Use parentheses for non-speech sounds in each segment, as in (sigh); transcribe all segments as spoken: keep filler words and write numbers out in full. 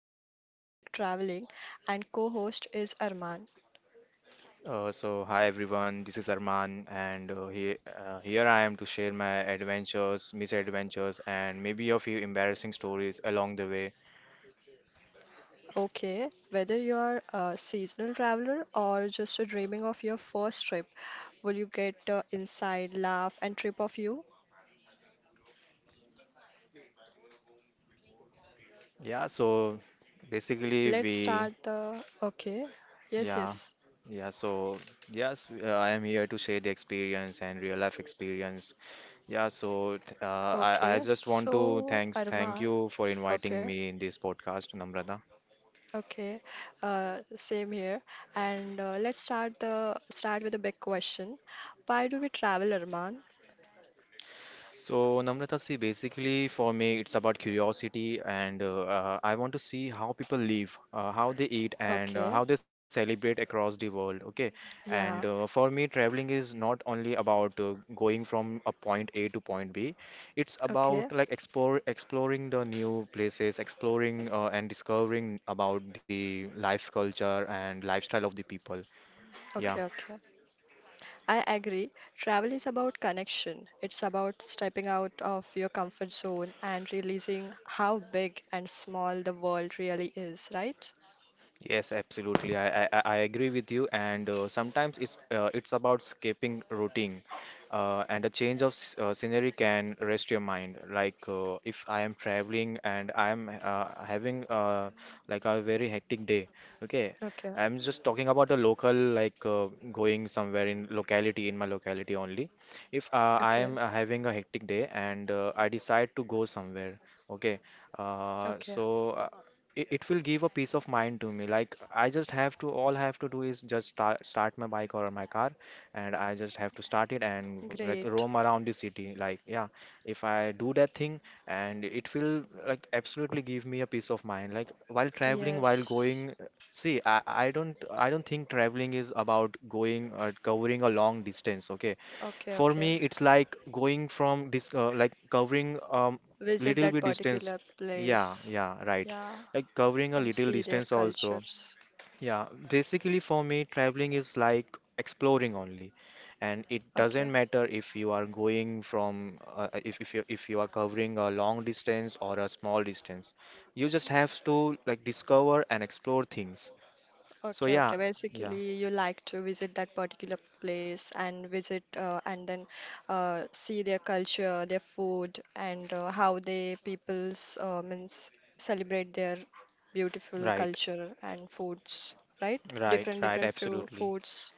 favorite topic traveling and co-host is Arman. Uh, so hi everyone, this is Arman, and uh, here uh, here I am to share my adventures, misadventures, and maybe a few embarrassing stories along the way. Okay, whether you're a seasonal traveler or just a dreaming of your first trip, will you get the inside laugh and trip of you? Yeah, so basically Let's we, start the okay. Yes, yeah, yes. yeah. So yes, w- uh, I am here to share the experience and real life experience. Yeah, so th- uh, I I Okay. just want to So thanks thank Arman, you for inviting okay. me in this podcast, Namrata. Okay, uh, same here. And uh, let's start the start with a big question. Why do we travel, Arman? So, Namrata, see, basically for me, it's about curiosity, and uh, uh, I want to see how people live, uh, how they eat, and uh, Okay, how they celebrate across the world. Okay, yeah, and uh, for me, traveling is not only about uh, going from a point A to point B. It's about okay, like explore exploring the new places, exploring uh, and discovering about the life culture and lifestyle of the people. okay, Yeah. okay. I agree. Travel is about connection. It's about stepping out of your comfort zone and realizing how big and small the world really is, right? Yes, absolutely. I, I, I I agree with you. And uh, sometimes it's uh, it's about escaping routine, uh, and a change of s- uh, scenery can rest your mind. Like uh, if I am traveling and I am uh, having uh, like a very hectic day. Okay, Okay, I'm just talking about a local, like uh, going somewhere in locality in my locality only. If uh, I okay, am uh, having a hectic day and uh, I decide to go somewhere. Okay, uh, okay. so. uh, it, it will give a peace of mind to me. Like I just have to, all I have to do is just start, start my bike or my car, and I just have to start it and like Great. roam around the city. Like yeah, if I do that thing, and it will like absolutely give me a peace of mind, like while traveling, while Yes. going. See, i, I don't i don't think traveling is about going or covering a long distance. Okay, Okay, for okay. me it's like going from this uh, like covering um Visit little that bit distance. particular Yeah, place. yeah, right. Yeah. Like covering a And little see their distance also. cultures. Yeah, basically for me, traveling is like exploring only. And it Okay, doesn't matter if you are going from uh, uh, if if you if you are covering a long distance or a small distance. You just have to like discover and explore things. So okay, yeah, okay. yeah, Basically, you like to visit that particular place and visit uh, and then uh, see their culture, their food, and uh, how they peoples uh, means celebrate their beautiful right, culture and foods, right? right, Different right, different fru absolutely. foods.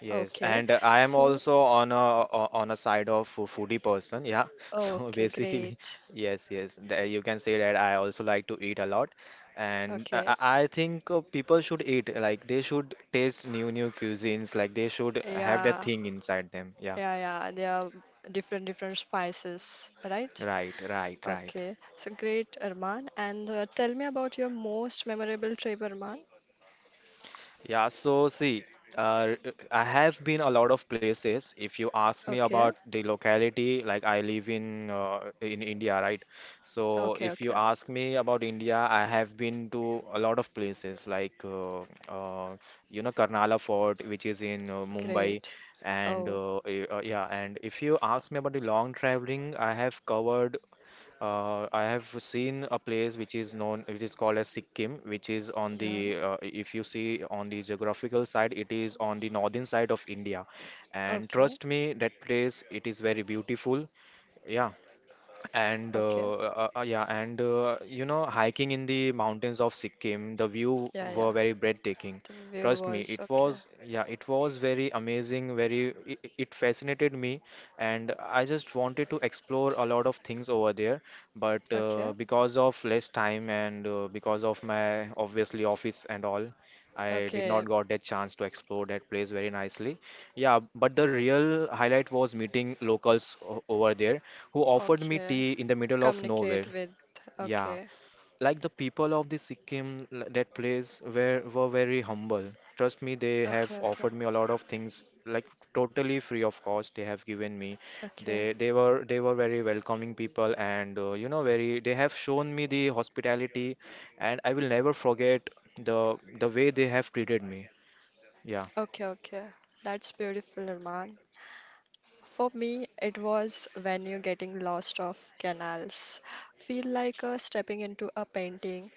Yes, Okay, and uh, I am so also on a o- on a side of a foodie person, yeah. (laughs) So okay, basically, great. yes, yes, the- you can say that I also like to eat a lot, and I, Okay, I I think uh, people should eat, like they should taste new new cuisines, like they should have that yeah, thing inside them. Yeah, yeah, yeah. They are different different spices, right? right, right, right. Okay, so great, Arman. And uh, tell me about your most memorable trip, Arman. Yeah, so see, uh, I have been a lot of places. If you ask me Okay, about the locality, like I live in uh, in India, right? So okay, if you okay, ask me about India, I have been to a lot of places, like uh, uh, you know, Karnala Fort, which is in uh, Mumbai, great. and Oh, uh, eh, uh, yeah. And if you ask me about the long traveling, I have covered uh, I have seen a place which is known, it is called as Sikkim, which is on yeah, the, uh, if you see on the geographical side, it is on the northern side of India. And okay, trust me, that place, it is very beautiful. Yeah, and okay, uh, uh, uh, yeah, and uh, you know, hiking in the mountains of Sikkim, the view yeah, were yeah. very breathtaking. The view Trust me, was it okay, was, yeah, it was very amazing, very, it, it fascinated me, and I just wanted to explore a lot of things over there. But okay, uh, because of less time and uh, because of my obviously office and all, I did not okay, got that chance to explore that place very nicely. Yeah, but the real highlight was meeting locals o- over there who offered me okay. tea in the middle of nowhere. Communicate with, Yeah, okay, like the people of the Sikkim, l- that place, were were very humble. Trust me, they have okay, okay, offered me a lot of things, like totally free of cost. They have given me. okay, They they were they were very welcoming people, and uh, you know, very they have shown me the hospitality, and I will never forget the the way they have treated me. Yeah. okay, okay. That's beautiful, Arman. For me, it was when you're getting lost off canals. Feel like uh, stepping into a painting,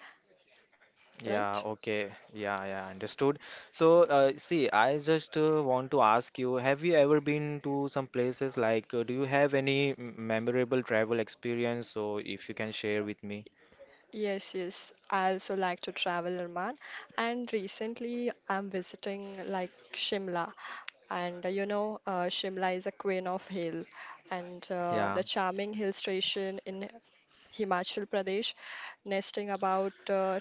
Yeah, right? okay. Yeah, yeah, understood. So, uh, see, I just uh, want to ask you, have you ever been to some places, like, uh, do you have any m- memorable travel experience? So, if you can share with me. Yes, yes. I also like to travel, Arman. And recently, I'm visiting like Shimla. And uh, you know, uh, Shimla is a queen of hill, and uh, Yeah. the charming hill station in Himachal Pradesh, nesting about uh,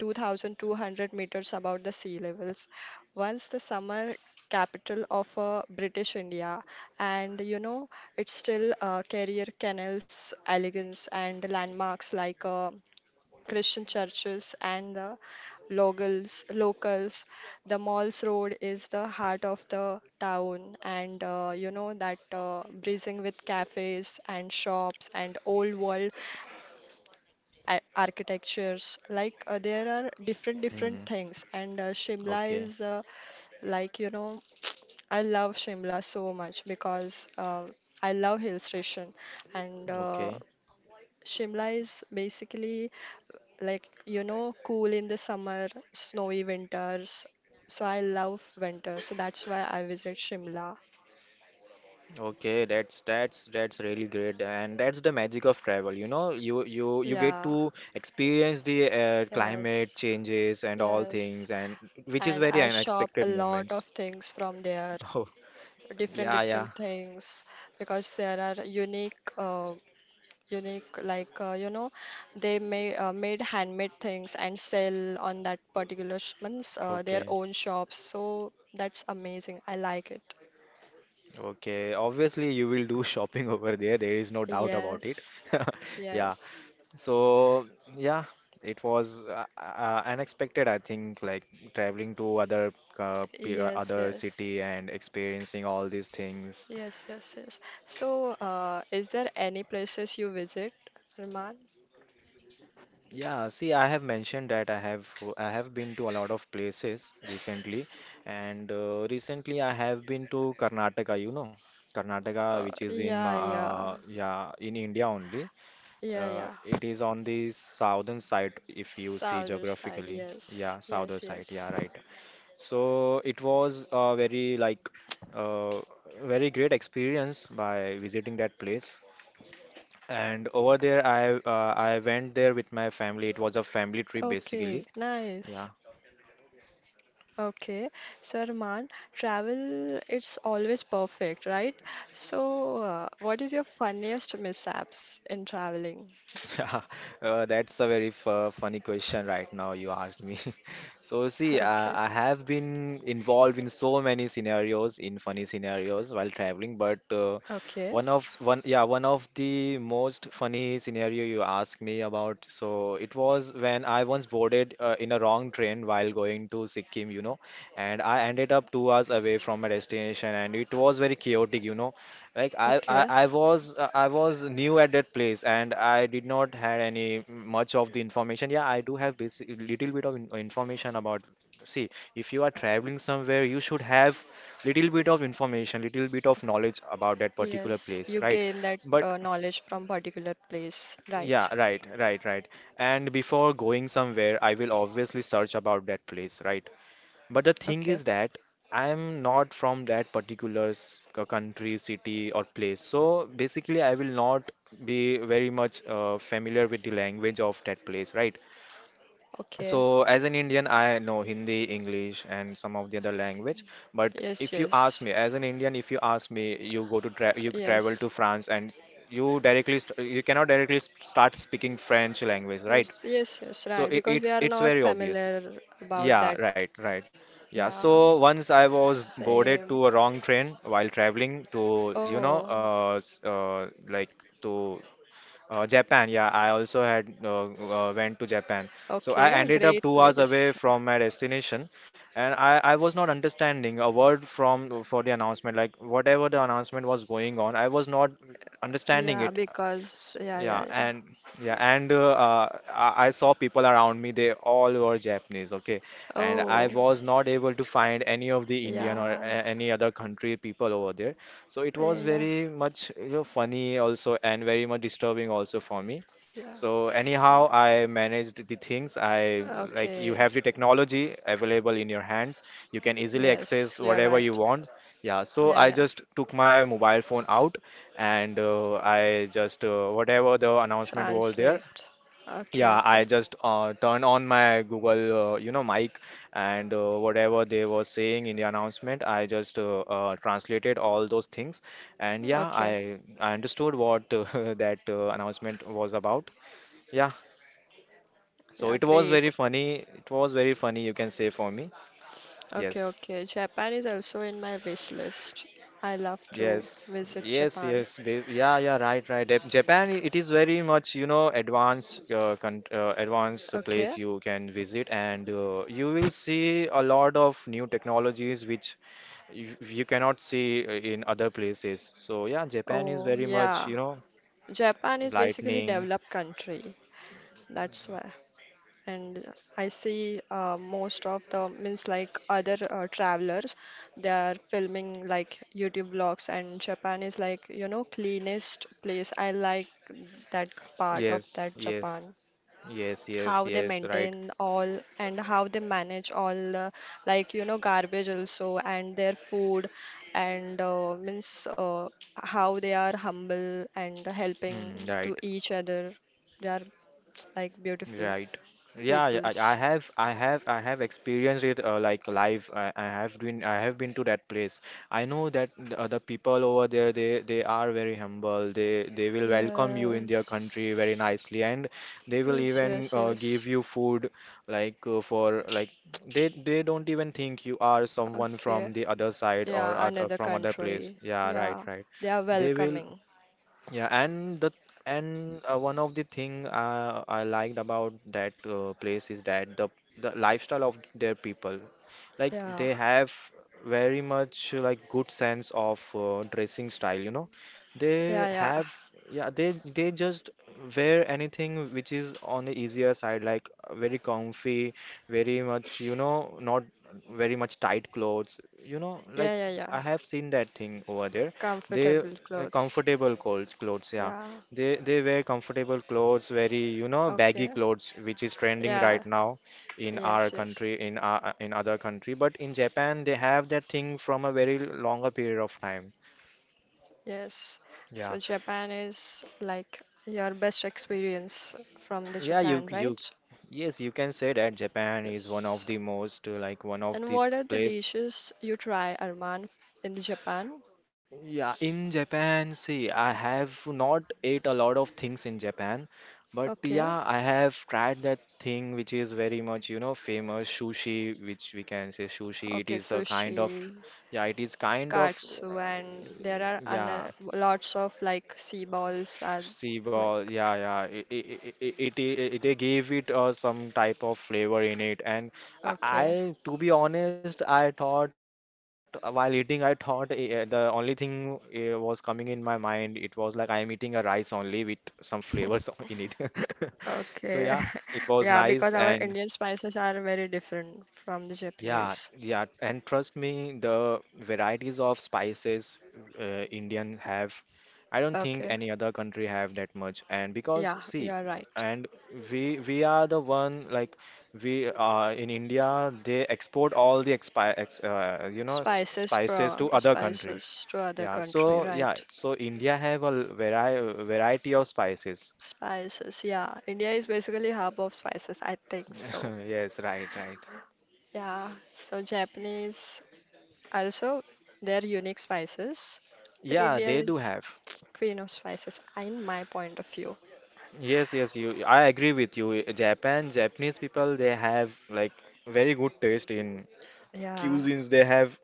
two thousand two hundred meters above the sea levels. Once the summer capital of uh, British India, and you know, it still uh, carrier canals, elegance, and landmarks like. Uh, Christian churches and the locals. Locals, the Malls Road is the heart of the town, and uh, you know that uh, breezing with cafes and shops and old world a- architectures. Like uh, there are different different Mm, things, and uh, Shimla okay. is uh, like you know I love Shimla so much because uh, I love hill station, and uh, Okay. Shimla is basically like you know cool in the summer, snowy winters, so I love winter, so that's why I visit Shimla. Okay. That's that's that's really great, and that's the magic of travel. You know, you you you get Yeah, to experience the uh, climate yes, changes and all yes. things, and which is And very I shop a unexpected lot of moments. things from there, (laughs) Oh, different yeah, yeah. different things because there are unique uh, unique like uh, you know they may uh, made handmade things and sell on that particular sh- means uh, their Okay. own shops, so that's amazing, I like it. Okay, obviously you will do (laughs) shopping over there. There is no doubt about it. Yes, (laughs) Yeah. yes. So, yeah, it was uh, uh, unexpected, I think, like traveling to other uh, p- uh, Yes, other yes, city and experiencing all these things. yes, yes, yes. So, uh, is there any places you visit, Arman? Yeah, see, I have mentioned that I have I have been to a lot of places recently, and uh, recently I have been to Karnataka, you know, Karnataka, Uh, which is in Ma- yeah, yeah, uh, yeah, in India only. yeah, Uh, yeah. it is on the southern side if you see Southern side, geographically. yes, Yeah, southern yes, side. yes. Yeah, right. So it was a very like (tsk) uh, very great experience by visiting that place. And over there, I uh, I went there with my family. It was a family trip basically. Okay, Yeah. nice. Okay, so Arman, travel, it's always perfect, right? So, uh, what is your funniest mishaps in traveling? (laughs) Uh, that's a very fu- funny question right now you asked me. (laughs) So see, uh, I (laughs) have been involved in so many scenarios, in funny scenarios while traveling, but uh, Okay, okay, one of one, yeah, one of the most funny scenario you asked me about. So it was when I once boarded uh, in a wrong train while going to Sikkim, you know, and I ended up two hours away from my destination, and it was very chaotic, you know. Like I, I, okay. I was uh, I was new at that place and I did not had any much of the information. Yeah, I do have basic little bit of in, information about. See, if you are traveling somewhere, you should have little bit of information, little bit of knowledge about that particular Yes, place, you right? gain that But uh, knowledge from particular place, right? yeah, right, right, right. And before going somewhere, I will obviously search about that place, right? But the thing Okay, is that I'm not from that particular s- c- country, city, or place. So basically, I will not be very much uh, familiar with the language of that place, right? okay. So as an Indian, I know Hindi, English, and some of the other language. But Yes, if you ask yes, me, as an Indian, if you ask me, you go to tra you travel yes, to France and you directly st you cannot directly s- start speaking French language, right? yes, yes, yes, So right. it, Because we it's are it's not very obvious. familiar about Yeah, that. right, right. Yeah, so Yeah, once I was boarded same. to a wrong train while traveling to, you know, Oh, uh, s- uh, like to uh, Japan. Yeah, I also had uh, uh, went to Japan. So I okay, ended great up two hours place. away from my destination, and I, I was not understanding a word from for the announcement. Like whatever the announcement was going on, I was not understanding Yeah, it. because, S- yeah, yeah, Yeah, yeah. and yeah, and uh, uh, I I saw people around me, they all were Japanese, okay? And I Oh, was not able to find any of the Indian or yeah, a- any other country people over there. So it yeah, was yeah, very much, you know, funny also and very much disturbing also for me. yeah. So anyhow, I managed the things. I, like, Okay, you have the technology available in your hands. You can easily yes, access you're whatever right. you want. Yeah, Yeah, so I yeah. just took my mobile phone out and uh, I just uh, whatever the announcement was there, Translate. Okay, yeah, okay, I just uh, turned on my Google, uh, you know, mic, and uh, whatever they were saying in the announcement, I just uh, uh, translated all those things, and yeah, okay. I I understood what uh, (laughs) that uh, announcement was about. Yeah, so Yeah, it was great. very funny. It was very funny, you can say, for me. Okay, Yes. okay. Japan is also in my wish list. I love to Yes, visit yes, Japan. yes. bas- Yeah, yeah, right, right. Jap- Japan, it is very much, you know, advanced, uh, con uh, advanced Okay. place you can visit, and uh, you will see a lot of new technologies which you, you cannot see uh, in other places. So yeah, Japan is Oh, very much, yeah. you know, Japan is basically lightning. developed country. That's why. And I see uh, most of the means like other uh, travelers, they are filming like YouTube vlogs, and Japan is like you know cleanest place. I like that part of Yes, that yes, Japan. yes, yes, How they yes. Right, maintain all and how they manage all uh, like you know garbage also and their food and uh, means uh, how they are humble and helping mm, to right. each other, they are like beautiful Right. Yeah, yeah, I I peoples. have, I have, I have experienced it uh, like live. I, I have been, I have been to that place. I know that the, uh, the people over there, they, they are very humble. They, they will welcome you in their Yes, country very nicely, and they will yes, even yes, uh, give yes, you food, like uh, for like (tsk) they, they don't even think you are someone okay, from the other side or yeah, other, another from other place. country, Yeah, right, yeah, right. they are They will. welcoming. Yeah, and the and uh, one of the thing uh, I liked about that uh, place is that the the lifestyle of their people, like Yeah, they have very much uh, like good sense of uh, dressing style, you know. They yeah, yeah, have yeah, they they just wear anything which is on the easier side, like uh, very comfy, very much, you know, not very much tight clothes, you know, like yeah, yeah, yeah, I have seen that thing over there. They comfortable uh, clothes, Comfortable clothes, clothes, yeah. yeah, They they wear comfortable clothes, very, you know, baggy okay. clothes, which is trending right Yeah, now in our yes, yes, country, in our, in other country. But in Japan, they have that thing from a very longer period of time. yes. Yeah, So Japan is like your best experience from the yeah, you Japan, you, right? yes, you can say that Japan is one of Yes. the most uh, like one of And the what are the place. dishes you try, Arman, in the Japan? Yeah, in Japan, see, I have not ate a lot of things in Japan, but Okay, yeah, I have tried that thing which is very much, you know, famous sushi, which we can say sushi. It okay, is a sushi, kind of, yeah, it is kind of, uh, katsu, and there are yeah, ana- lots of like sea balls and sea ball, like yeah, yeah. It, it, it, it, it, it- they gave it uh, some type of flavor in it, and I, okay, I, to be honest, I thought uh, while eating, I thought uh, uh, the only thing uh, was coming in my mind. It was like I am eating a rice only with some (laughs) flavors (laughs) in it. (laughs) okay, So yeah, (laughs) it yeah, was because nice, our Indian and spices are very different from the Japanese. yeah, yeah, and trust me, the varieties of spices uh, Indian have, I don't Okay, think any other country have that much. And yeah, because see, you're right. and we we are the one like we uh, in India they export all the expi ex, uh, you know s- Spices spices from to other country. spices to other Yeah, country, so right? yeah, so India have a vari variety of spices. Spices, yeah. India is basically hub of spices, I think so. (laughs) Yes, right, right. Yeah. So Japanese also they're unique spices, but Yeah, India they do is have. queen of spices, in my point of view. Yes, yes, (laughs) you. I agree with you. Japan, Japanese people, they have like very good taste in Yeah. cuisines. They have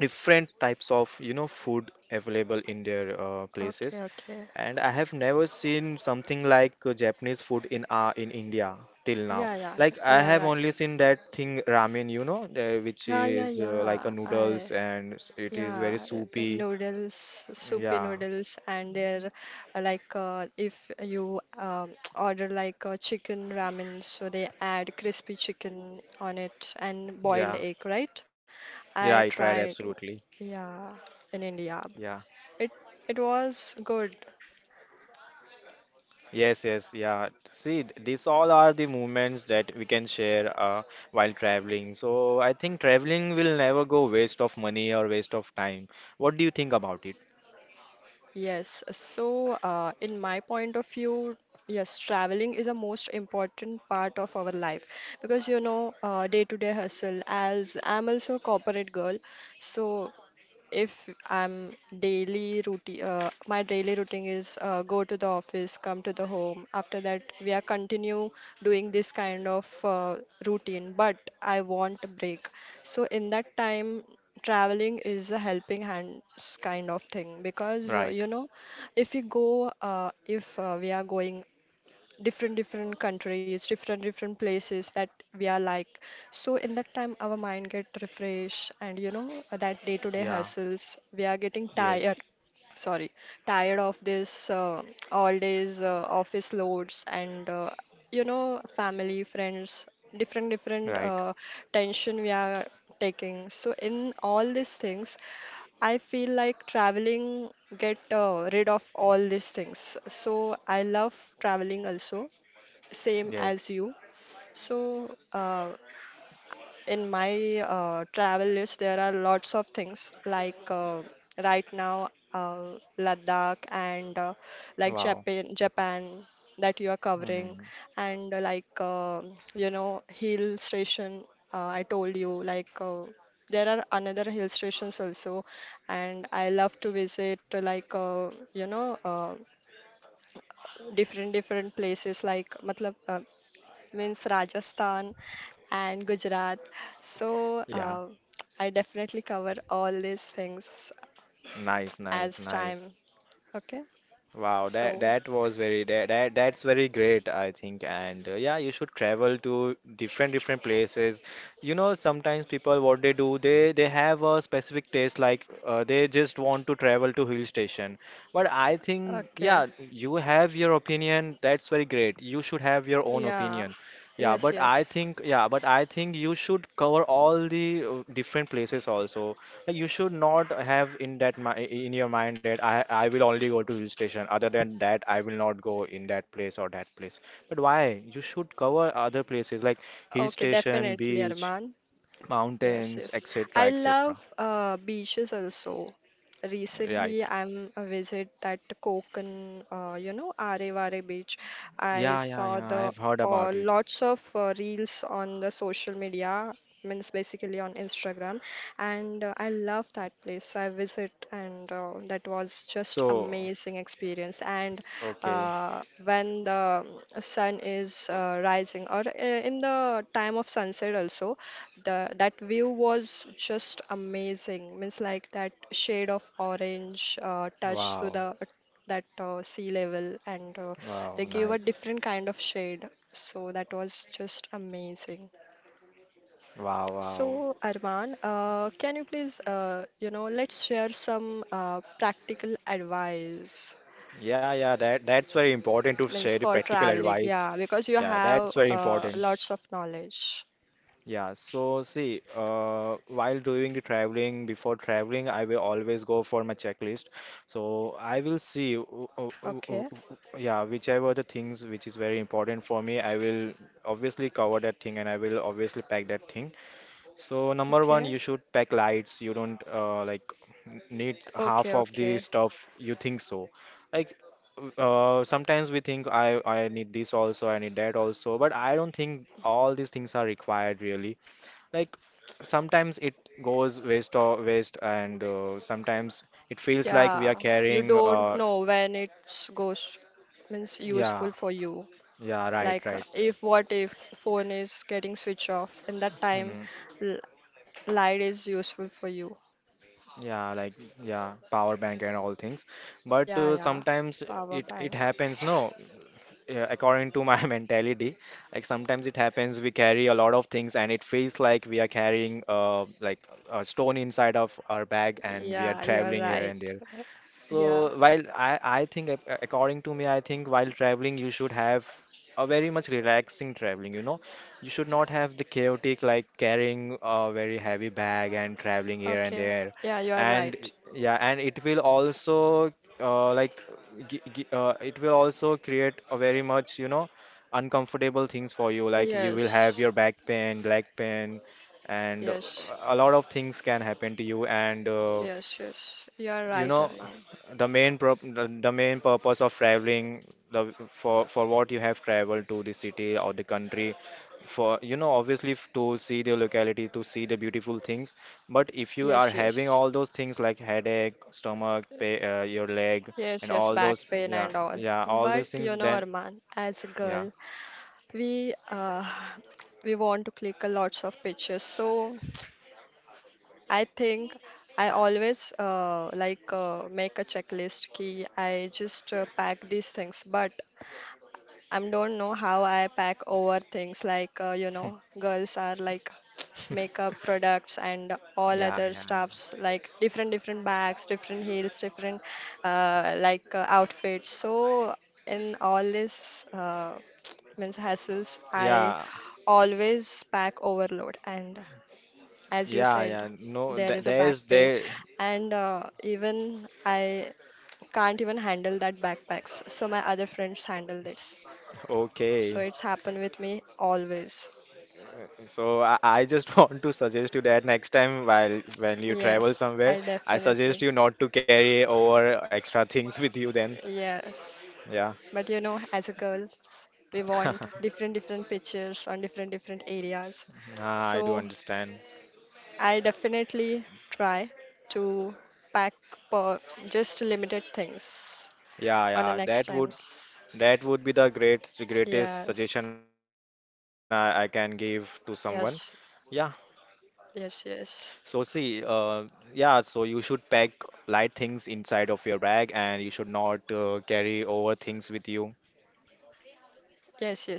different types of, you know, food available in their uh, Okay, places. okay. And I have never seen something like uh, Japanese food in uh, in India till now. Yeah, yeah. Like I You're have only right. seen that thing ramen, you know, uh, which Yeah, yeah, is uh, like yeah. a I noodles and s- it is very yeah, uh, soupy. noodles, soupy Yeah, noodles, and they're uh, like uh, if you um, (tsk) order like a chicken ramen, so they add crispy chicken on it and boiled yeah, egg, right? I right, right, tried, absolutely. yeah, in India. Yeah. It it was good. Yes, yes, yeah. See, th- these all are the moments that we can share uh, while traveling. So I think traveling will never go waste of money or waste of time. What do you think about it? Yes, so uh, in my point of view, yes, traveling is a most important part of our life because you know, uh, day-to-day hustle. As I'm also a corporate girl, so if I'm daily routine, uh, my daily routine is uh, go to the office, come to the home. After that, we are continue doing this kind of uh, routine, but I want a break. So in that time, traveling is a helping hands kind of thing because uh, you Right. know, if we go, uh, if uh, we are going different different countries, different different places, that we are like, so in that time our mind get refresh and you know that day to day Yeah. hassles we are getting Yes. tired, sorry, tired of this uh, all days uh, office loads and uh, you know family friends different different Right. uh, tension we are taking, so in all these things I feel like traveling get uh, rid of all these things. So I love traveling also, same as Yes. you. So uh, in my uh, travel list, there are lots of things like uh, right now uh, Ladakh and uh, like Wow. Japan, Japan that you are covering, Mm. and uh, like uh, you know hill station. Uh, I told you like uh, there are another hill stations also, and I love to visit uh, like uh, you know uh, different different places like matlab, uh, means Rajasthan and Gujarat. So Yeah. uh, I definitely cover all these things Nice, nice, as time. nice. Okay. Wow, that So, that was very that, that that's very great, I think. And uh, yeah, you should travel to different different places. You know, sometimes people what they do, they they have a specific taste, like uh, they just want to travel to hill station. But I think okay. yeah, you have your opinion. That's very great. You should have your own Yeah. opinion. Yeah, Yes, but I yes. think yeah, but I think you should cover all the uh, different places also. Like, You should not have in that mi- in your mind that I I will only go to hill station. Other than that, I will not go in that place or that place. But why? You should cover other places like hill Okay, station, definitely, beach, Arman. Yes, mountains, yes. I etcetera, love etcetera. uh, beaches also. Right? Recently, I'm a visit that Konkan, uh, you know, Arevare beach. I Yeah, yeah, saw yeah. I the have heard uh, about it. lots of uh, reels on the social media, means basically on Instagram, and uh, I love that place. So I visit, and uh, that was just So, amazing experience. And okay. uh, when the sun is uh, rising, or uh, in the time of sunset also. The that view was just amazing. Means like that shade of orange uh, touch to Wow. the that uh, sea level, and uh, they Wow. gave a Nice. different kind of shade. So that was just amazing. Wow. Wow. So Arman, uh, can you please, uh, you know, let's share some uh, practical advice. Yeah, yeah. That that's very important to Means share the for practical traveling, advice. yeah, because you Yeah, have that's very uh, important. lots of knowledge. Yeah, so see, uh, while doing the traveling, before traveling, I will always go for my checklist. So I will see, w- w- w- Okay, w- w- yeah, whichever the things which is very important for me, I will obviously cover that thing and I will obviously pack that thing. So number one, okay, you should pack lights. You don't uh, like n- need okay, half of the okay. stuff you think so. Like uh, sometimes we think I I need this also, I need that also, but I don't think all these things are required really like sometimes it goes waste or waste and uh, sometimes it feels like we are Yeah, you carrying don't uh know when it's goes means yeah useful for you. yeah right Like uh, right if what if phone is getting switch off in that time, hmm l light is useful for you. yeah like yeah power bank and all things but Yeah, uh, yeah, sometimes power it it bank. happens no yeah, according to my (laughs) mentality like sometimes it happens we carry a lot of things and it feels like we are carrying uh like a stone inside of our bag and we are Yeah, you're traveling here and right. there. Yeah, So while I, I think ac- according to me, I think while traveling you should have a very much relaxing traveling, you know. You should not have the chaotic like carrying a very heavy bag and traveling here and okay. there. Yeah, you are And right. yeah, and it will also uh, like gi gi uh, it will also create a very much, you know, uncomfortable things for you. Like you will have Yes, your back pain, leg pain, and yes, a lot of things can happen to you and uh, yes, yes. You are you right, know Arman. the main prop the, the main purpose of traveling the for for what you have traveled to the city or the country for you know obviously f- to see the locality to see the beautiful things but if you are Yes, having yes. all those things like headache stomach pay, uh, your leg Yes, and yes, all back those pain yeah and all. yeah all those But things you know, then Arman, as a yeah girl, we uh, we want to click a lots of pictures, so I think I always uh, like uh, make a checklist key. I just uh, pack these things, but I don't know how I pack over things like uh, you know girls are like (tsk) makeup (laughs) products and all yeah other yeah yeah stuffs like different different bags, different heels, different uh, like uh, outfits. So in all this uh, (tsk) means hassles, I yeah always pack overload and as you yeah said yeah no there th- is a back there's pain there and uh, even I can't even handle that backpacks, so my other friends handle this, so okay. it's happened with me always. So I, I just (laughs) want to suggest you that next time while when you travel Yes, somewhere, I I suggest definitely, you not to carry over extra things with you then. yes, Yeah. but you know as a girls we want (laughs) different different pictures on different different areas, Ah, I so do understand. I definitely try to pack for just limited things Yeah, on the yeah. next That would times. that would be the great greatest suggestion Yes, I, I can give to someone. yes, Yeah. yes, yes, So see, uh, yeah, so you should pack light things inside of your bag and you should not uh, carry over things with you. yes, yes.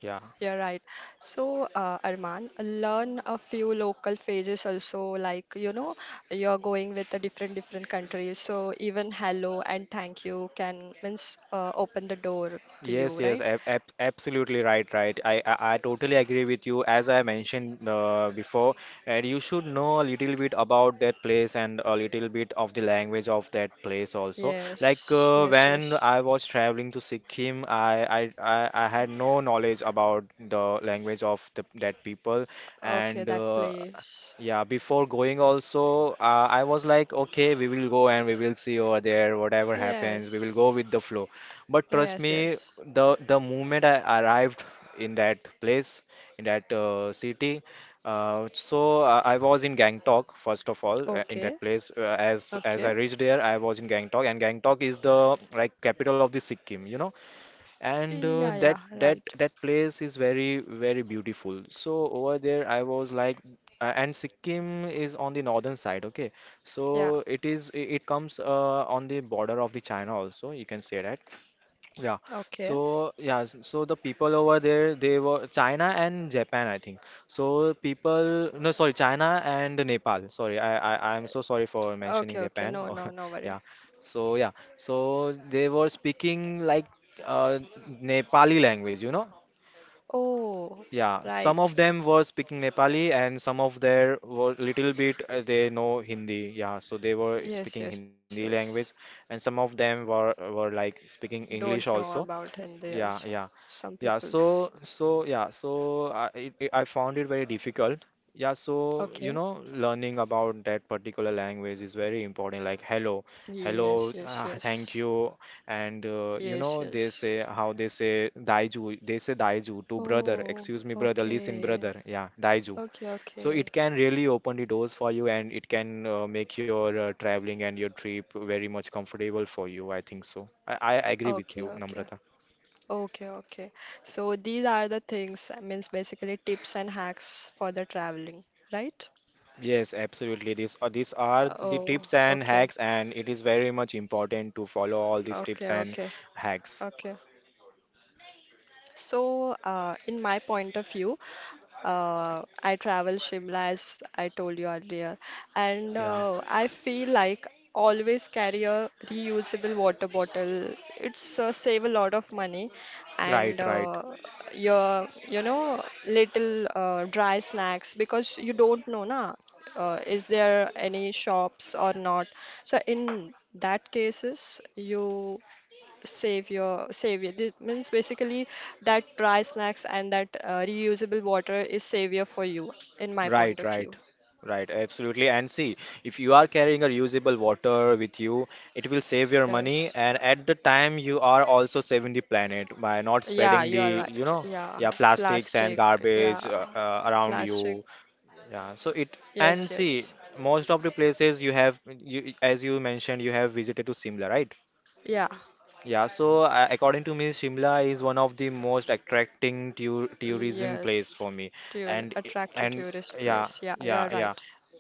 Yeah. You're right. So, uh, Arman, learn a few local phrases also. Like, you know, you're going with a different different country, so even hello and thank you can means uh, open the door to Yes, you, yes, right? ab ab absolutely right, right. I, I I totally agree with you. As I mentioned uh, before, and you should know a little bit about that place and a little bit of the language of that place also. Like Yes, uh, yes, when yes. I was traveling to Sikkim, I, I I I had no knowledge about the language of the, that people, Okay, and that uh, place. yeah, before going also, uh, I was like, okay, we will go and we will see over there, whatever happens, we will go with Yes, the flow. But trust yes, me, yes. the the moment I arrived in that place, in that uh, city, uh, so I, I was in Gangtok first of all. uh, In that Okay, place, uh, as as I okay. reached there, I was in Gangtok, and Gangtok is the like capital of the Sikkim, you know. And uh, Yeah, that yeah, that right. that place is very very beautiful. So over there, I was like, uh, and Sikkim is on the northern side, okay. Yeah, So it is it it comes uh, on the border of the China also. You can say that. Yeah. okay. So yeah, s- so the people over there, they were China and Japan, I think. So people, no, sorry, China and Nepal. Sorry, I I I'm so sorry for mentioning Okay, okay. Japan. (laughs) No, Oh, no, no yeah. worry. So yeah, so they were speaking like uh, Nepali language, you know. Oh, Yeah, some of right. them were speaking Nepali and some of their were little bit uh, they know Hindi. Yeah, so they were Yes, speaking yes, Hindi yes. language and some of them were were like speaking Don't English know also about Hindi yeah, also. yeah, Some yeah. people's. So, so yeah, so I it, it- I found it very difficult. Yeah, so you Okay. know, learning about that particular language is very important. Like hello, Yes, hello, yes, uh, thank yes. you, and uh, you Yes, know they yes. say how they say daiju. They say daiju to brother. Oh, Excuse me, brother. Listen, okay. brother. Yeah, daiju. Okay, So okay. it can really open the doors for you, and it can uh, make your uh, traveling and your trip very much comfortable for you. I think so. I, I agree with Okay, you, okay. Namrata. Okay, okay. So these are the things, uh, means basically tips and hacks for the traveling, right? Yes, absolutely. These are these are the Oh, tips and okay. hacks, and it is very much important to follow all these Okay, tips and okay. hacks. Okay. So, uh, in my point of view, uh, I travel Shimla as I told you earlier, and Yeah. uh, I feel like always carry a reusable water bottle. It's uh, save a lot of money, Right, and right, uh, your you know little uh, dry snacks because you don't know na uh, is there any shops or not. So in that cases you save your savior. This means basically that dry snacks and that uh, reusable water is savior for you, in my point right, of view. right, right. Absolutely. And see, if you are carrying a reusable water with you, it will save your money, Yes. and at the time you are also saving the planet by not Yeah, spreading you are the, you right. know, Yeah, yeah, plastics and plastic. Yeah, garbage uh, uh, around plastic. you. Yeah, so it Yes, and see yes. most of the places you have you as you mentioned you have visited to Simla, right? Yeah, Yeah, so uh, according to me, Shimla is one of the most attracting tour tourism place yes. for me. Tour And attract to and tourist yeah, place. Yeah, you are yeah, yeah. right.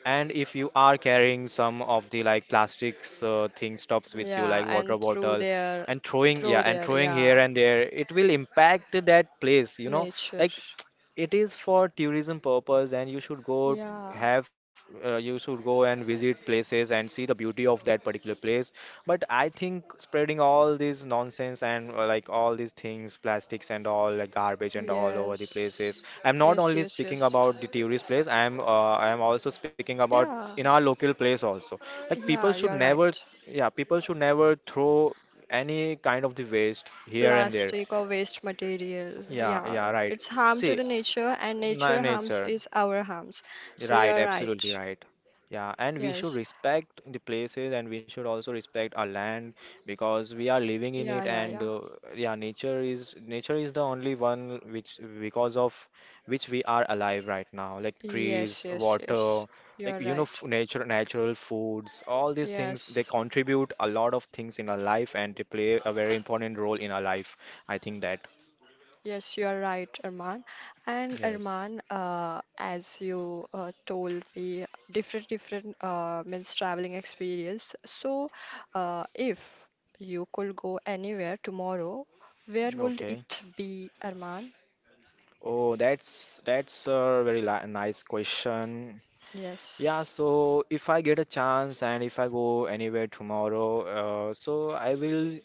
And if you are carrying some of the like plastics uh, thing stops with you, Yeah, like water and through bottle, their, and throwing yeah, through and their, throwing here yeah, and there, it will impact that place. You know, nature. like it is for tourism purpose, and you should go Yeah. have uh, you should go and visit places and see the beauty of that particular place, but I think spreading all this nonsense and uh, like all these things, plastics and all, like garbage and all over the places. Yes. I'm not Yes, only yes, speaking yes. about the tourist place. I'm uh, I am also speaking about Yeah, in our local place also. Uh, Like people yeah, should you're never, right. yeah, people should never throw any kind of the waste here and there. Plastic or waste material. Yeah, yeah, Yeah, right. it's harm to See, the nature, and na- nature harms nature. is our harms. So Right, you're right. absolutely right. Yeah, and we should Yes. respect the places and we should also respect our land because we are living in Yeah, it yeah, and yeah. uh, yeah, nature is nature is the only one which, because of which, we are alive right now, like Yes, trees, yes, water, yes. like You're you know, right. f nature, natural foods. All these things, they Yes. contribute a lot of things in our life and they play a very important role in our life. I think that. Yes, you are right, Arman. And Yes. Arman, uh, as you uh, told me, different different uh, means traveling experience. So, uh, if you could go anywhere tomorrow, where would Okay. it be, Arman? Oh, that's that's a very li nice question. Yeah, Yes. so if I get a chance and if I go anywhere tomorrow, uh, so I will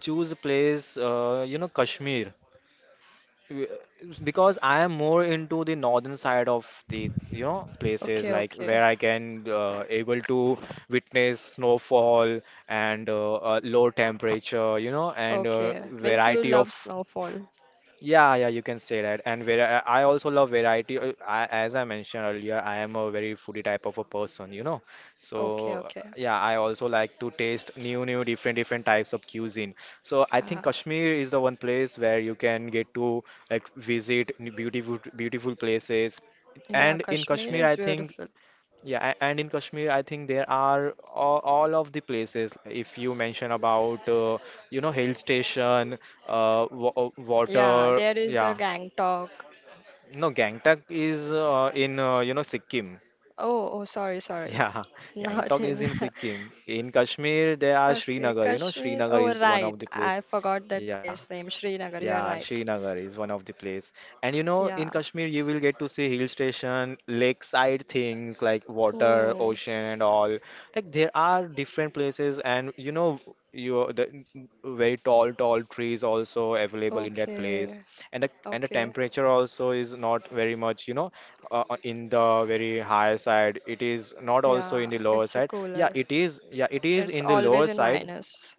choose a place, uh, you know, Kashmir, W- because I am more into the northern side of the, you know, places Okay, like okay, where I can uh, able to witness snowfall and uh, uh, low temperature, you know, and uh, okay. Means you variety love of snowfall. yeah, yeah, you can say that. And where I I also love variety. uh, I, as I mentioned earlier, I am a very foodie type of a person, you know. Okay, So okay. yeah, I also like to taste new, new, different, different types of cuisine. So I think Yeah, Kashmir is the one place where you can get to like visit n- beautiful, beautiful places. yeah. And in Kashmir Kashmir, is I think beautiful. yeah, a- and in Kashmir, I think there are all, all of the places. If you mention about, uh, you know, hill station, uh, wa- uh, Yeah, water, there is a yeah. Gangtok. No, Gangtok is uh, in, uh, you know, Sikkim. Oh, oh, sorry, sorry. Yeah, (laughs) Not Gangtok is in. in (laughs) Sikkim. In Kashmir, there are Okay, Srinagar. You know, Kashmir. Srinagar Oh, is one right. of the I place. forgot that Yeah. place name, Srinagar. You are Yeah, right. Srinagar is one of the place. And you know, in Yeah. Kashmir, you will get to see hill station, lakeside things like water, Oh, ocean, and all. Like there are different places, and you know, you the very tall, tall trees also available in that place, okay. and the and the Okay. temperature also is not very much, you know, uh, uh, in the very high side. It is not also Yeah, in the lower it's a side. Yeah, cooler. it is. Yeah, it is It's in the always lower in side, minus.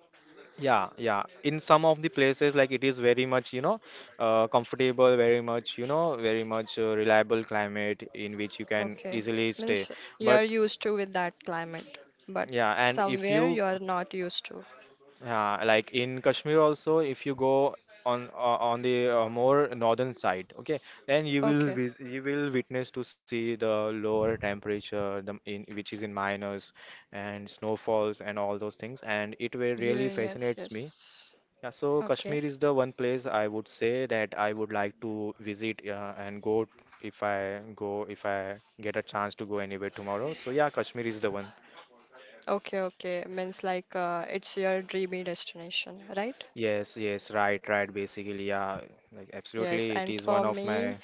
yeah, yeah. In some of the places, like it is very much, you know, uh, comfortable, very much, you know, very much uh, reliable climate in which you can Okay. easily stay. Means you're But used to with that climate, but yeah, and if somewhere you, you are not used to. yeah, like in Kashmir also, if you go on uh, on the uh, more northern side, okay, then you will Okay. vis you will witness to see the lower temperature, the in which is in minus and snowfalls and all those things, and it will Yeah, really yes, fascinates me. yes. Yeah, so Okay. Kashmir is the one place I would say that I would like to visit uh, and go if I go if I get a chance to go anywhere tomorrow. So yeah, Kashmir is the one. Okay, okay. Means like uh, it's your dreamy destination, right? Yes, yes, right, right. Basically, yeah, like Yes, absolutely, it and is for one of me, my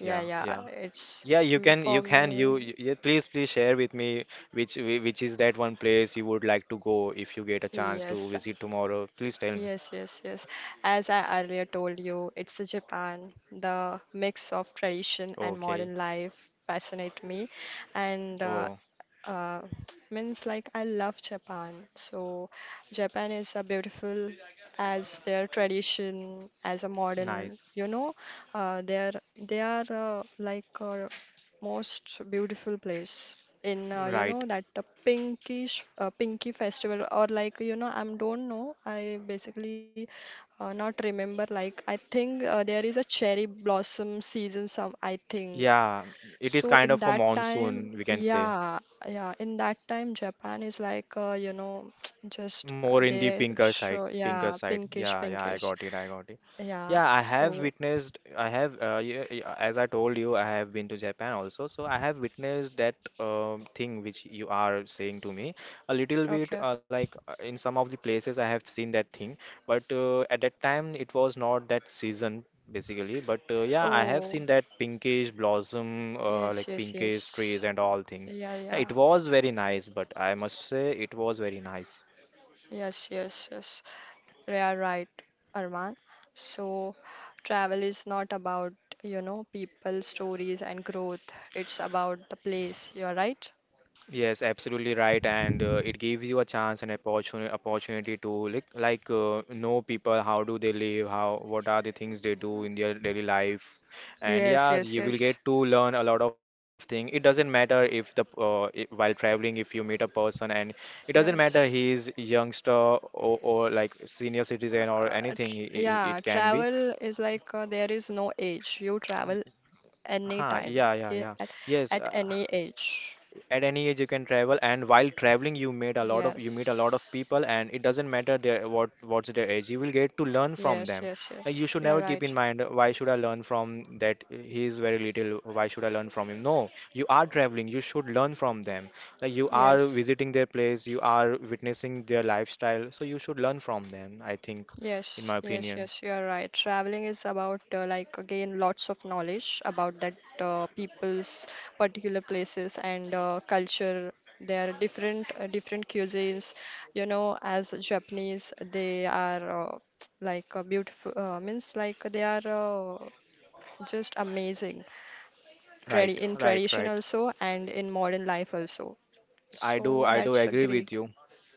yeah, yeah, yeah, yeah. it's Yeah, you mm, can, for you can, you, me. you yeah, please, please share with me which whi- which is that one place you would like to go if you get a chance to Yes, visit tomorrow. Please tell me. yes, yes, yes. As I earlier told you, it's a Japan. The mix of tradition and Okay. modern life fascinate me, and uh, Oh, uh, (tsk) means like I love Japan. So Japan is a beautiful as their tradition, as a modern, nice. you know, uh, they are they are uh, like uh, most beautiful place in uh, you know Right. that uh, pinkish uh, pinky festival or like you know I am don't know I basically uh, not remember like I think uh, there is a cherry blossom season some I think Yeah, it is so kind in of a that time, monsoon, we can say. yeah, yeah, in that time, Japan is like, uh, you know, (tsk) just uh, More in the they pinker show, side, yeah, pinker side. pinkish, Yeah, yeah, I pinkish. got it, I got it. Yeah, Yeah, I have so, witnessed, I have, uh, y- y- as I told you, I have been to Japan also, so I have witnessed that um, thing which you are saying to me. A little bit, okay. uh, like uh, in some of the places, I have seen that thing, but uh, at that time it was not that season basically. But uh, yeah, I have Oh, seen that pinkish blossom, uh, yes, like yes, yes. pinkish trees and all things. Yeah, Yeah, yeah. it was very nice, but I must say it was very nice. Yes, yes, yes. You are right, Arman. So, travel is not about, you know, people, stories, and growth. It's about the place. You're right? Yes, absolutely right, and uh, it gives you a chance and opportunity opportunity to like like uh, know people, how do they live, how what are the things they do in their daily life, and Yes, yeah, yes, you will yes. get to learn a lot of things. It doesn't matter if the uh, I while traveling if you meet a person and it doesn't Yes. matter he is youngster or, or like senior citizen or Uh, tr- anything it, yeah, it can be. travel is like uh, there is no age. You travel Huh, anytime, yeah, yeah, i- yeah. at Yes, at uh, any age. at any age you can travel and while traveling you meet a lot of you meet a lot of Yes. people and it doesn't matter their what what's their age you will get to learn from Yes, them. yes, Like, you yes. should You're never keep right. in mind, why should I learn from that, he is very little, why should I learn from him, no, you are traveling, you should learn from them, like you are Yes. visiting their place, you are witnessing their lifestyle, so you should learn from them I think, in Yes, my yes, opinion. yes, you are right. Traveling is about uh, like again lots of knowledge about that uh, people's particular places and uh, culture. There are different uh, different cuisines. You know, as Japanese, they are uh, like uh, beautiful. Uh, means like they are uh, just amazing. Tradi Right, in right, tradition right. also and in modern life also. i do So i do that's a agree with great. you.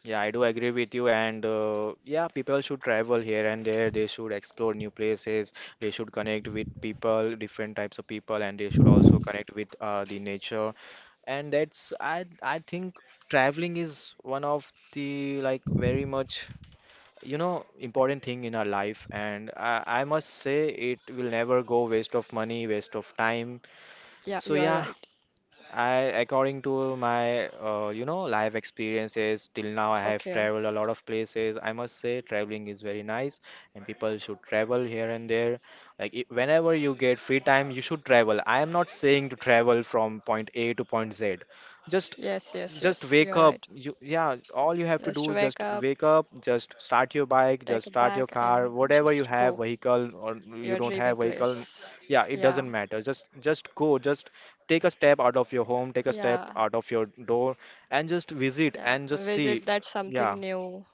Yeah, I do agree with you. And uh, yeah, people should travel here and there. They should explore new places. They should connect with people, different types of people, and they should also connect with uh, the nature. And that's I I think traveling is one of the like very much you know important thing in our life. And I, I must say it will never go waste of money, waste of time. Yeah, you So are yeah, right. I, according to my, uh, you know, life experiences till now, I have Okay. traveled a lot of places. I must say, traveling is very nice, and people should travel here and there. Like I whenever you get free time, you should travel. I am not saying to travel from point A to point Z. Just Yes, yes, just yes, you wake are up right. you yeah, all you have to do Just is wake just up. wake up, just start your bike, Take just a start your bag car, and whatever you just have, go vehicle, or you your don't dreamy have vehicle, place. yeah, it Yeah, doesn't matter, just just go, just take a step out of your home, take a step yeah, out of your door, and just visit yeah. and just see Visit that yeah something new.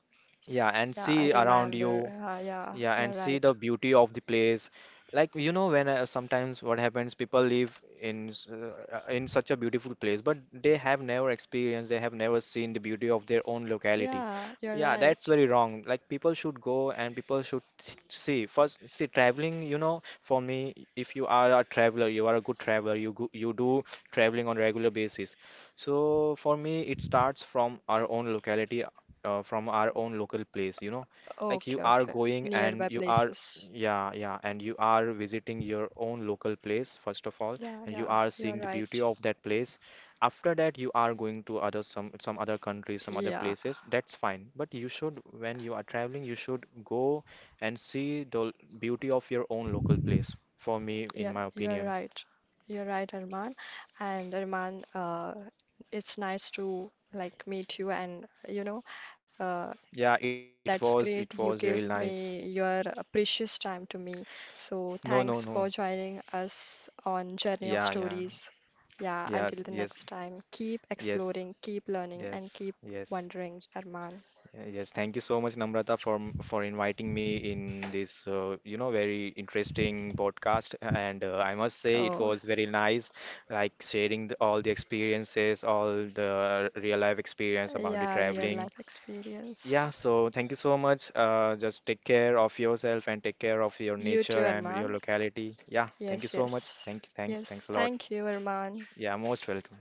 yeah and Yeah, I see around remember. you. Uh, yeah, Yeah, you're and see right. the beauty of the place. Like you know, when uh, sometimes what happens, people live in s- uh, in such a beautiful place, but they have never experienced, they have never seen the beauty of their own locality. Yeah, you're Yeah, that's right. very wrong. Like people should go and people should th- see first. See, traveling, you know, for me, if you are a traveler, you are a good traveler. You go, you do traveling on regular basis. So for me, it starts from our own locality, uh, from our own local place. You know, like you Okay, are okay. going and Nearby you are places. yeah yeah and you are visiting your own local place first of all Yeah, and you yeah, are you're seeing the right. beauty of that place, after that you are going to other some some other countries, some other Yeah, places, that's fine, but you should, when you are traveling you should go and see the beauty of your own local place, for me, in yeah, my you're opinion. right. You're right, Arman. And Arman, uh, it's nice to like meet you and you know, uh, Yeah, it that's was, great. it You was give really me nice. your uh, precious time to me. So No, thanks no, for no. joining us on Journey of Yeah, yeah. Stories. Yeah, until Yes, the yes, next time, keep yes, exploring, keep learning, and yes, keep yes. wondering, Arman. Yeah, yes, thank you so much, Namrata, for m- for inviting me in this, uh, you know, very interesting podcast. And uh, I must say, it Oh, was very nice, like sharing the, all the experiences, all the real life experience about the yeah, real traveling. life experience. Yeah, so thank you so much. Uh, just take care of yourself and take care of your You too, nature and your Arman. locality. Yeah, thank you Yes, so much. yes. Thank you, thanks, Yes, thanks a lot. thank you, Arman. Yeah, most welcome.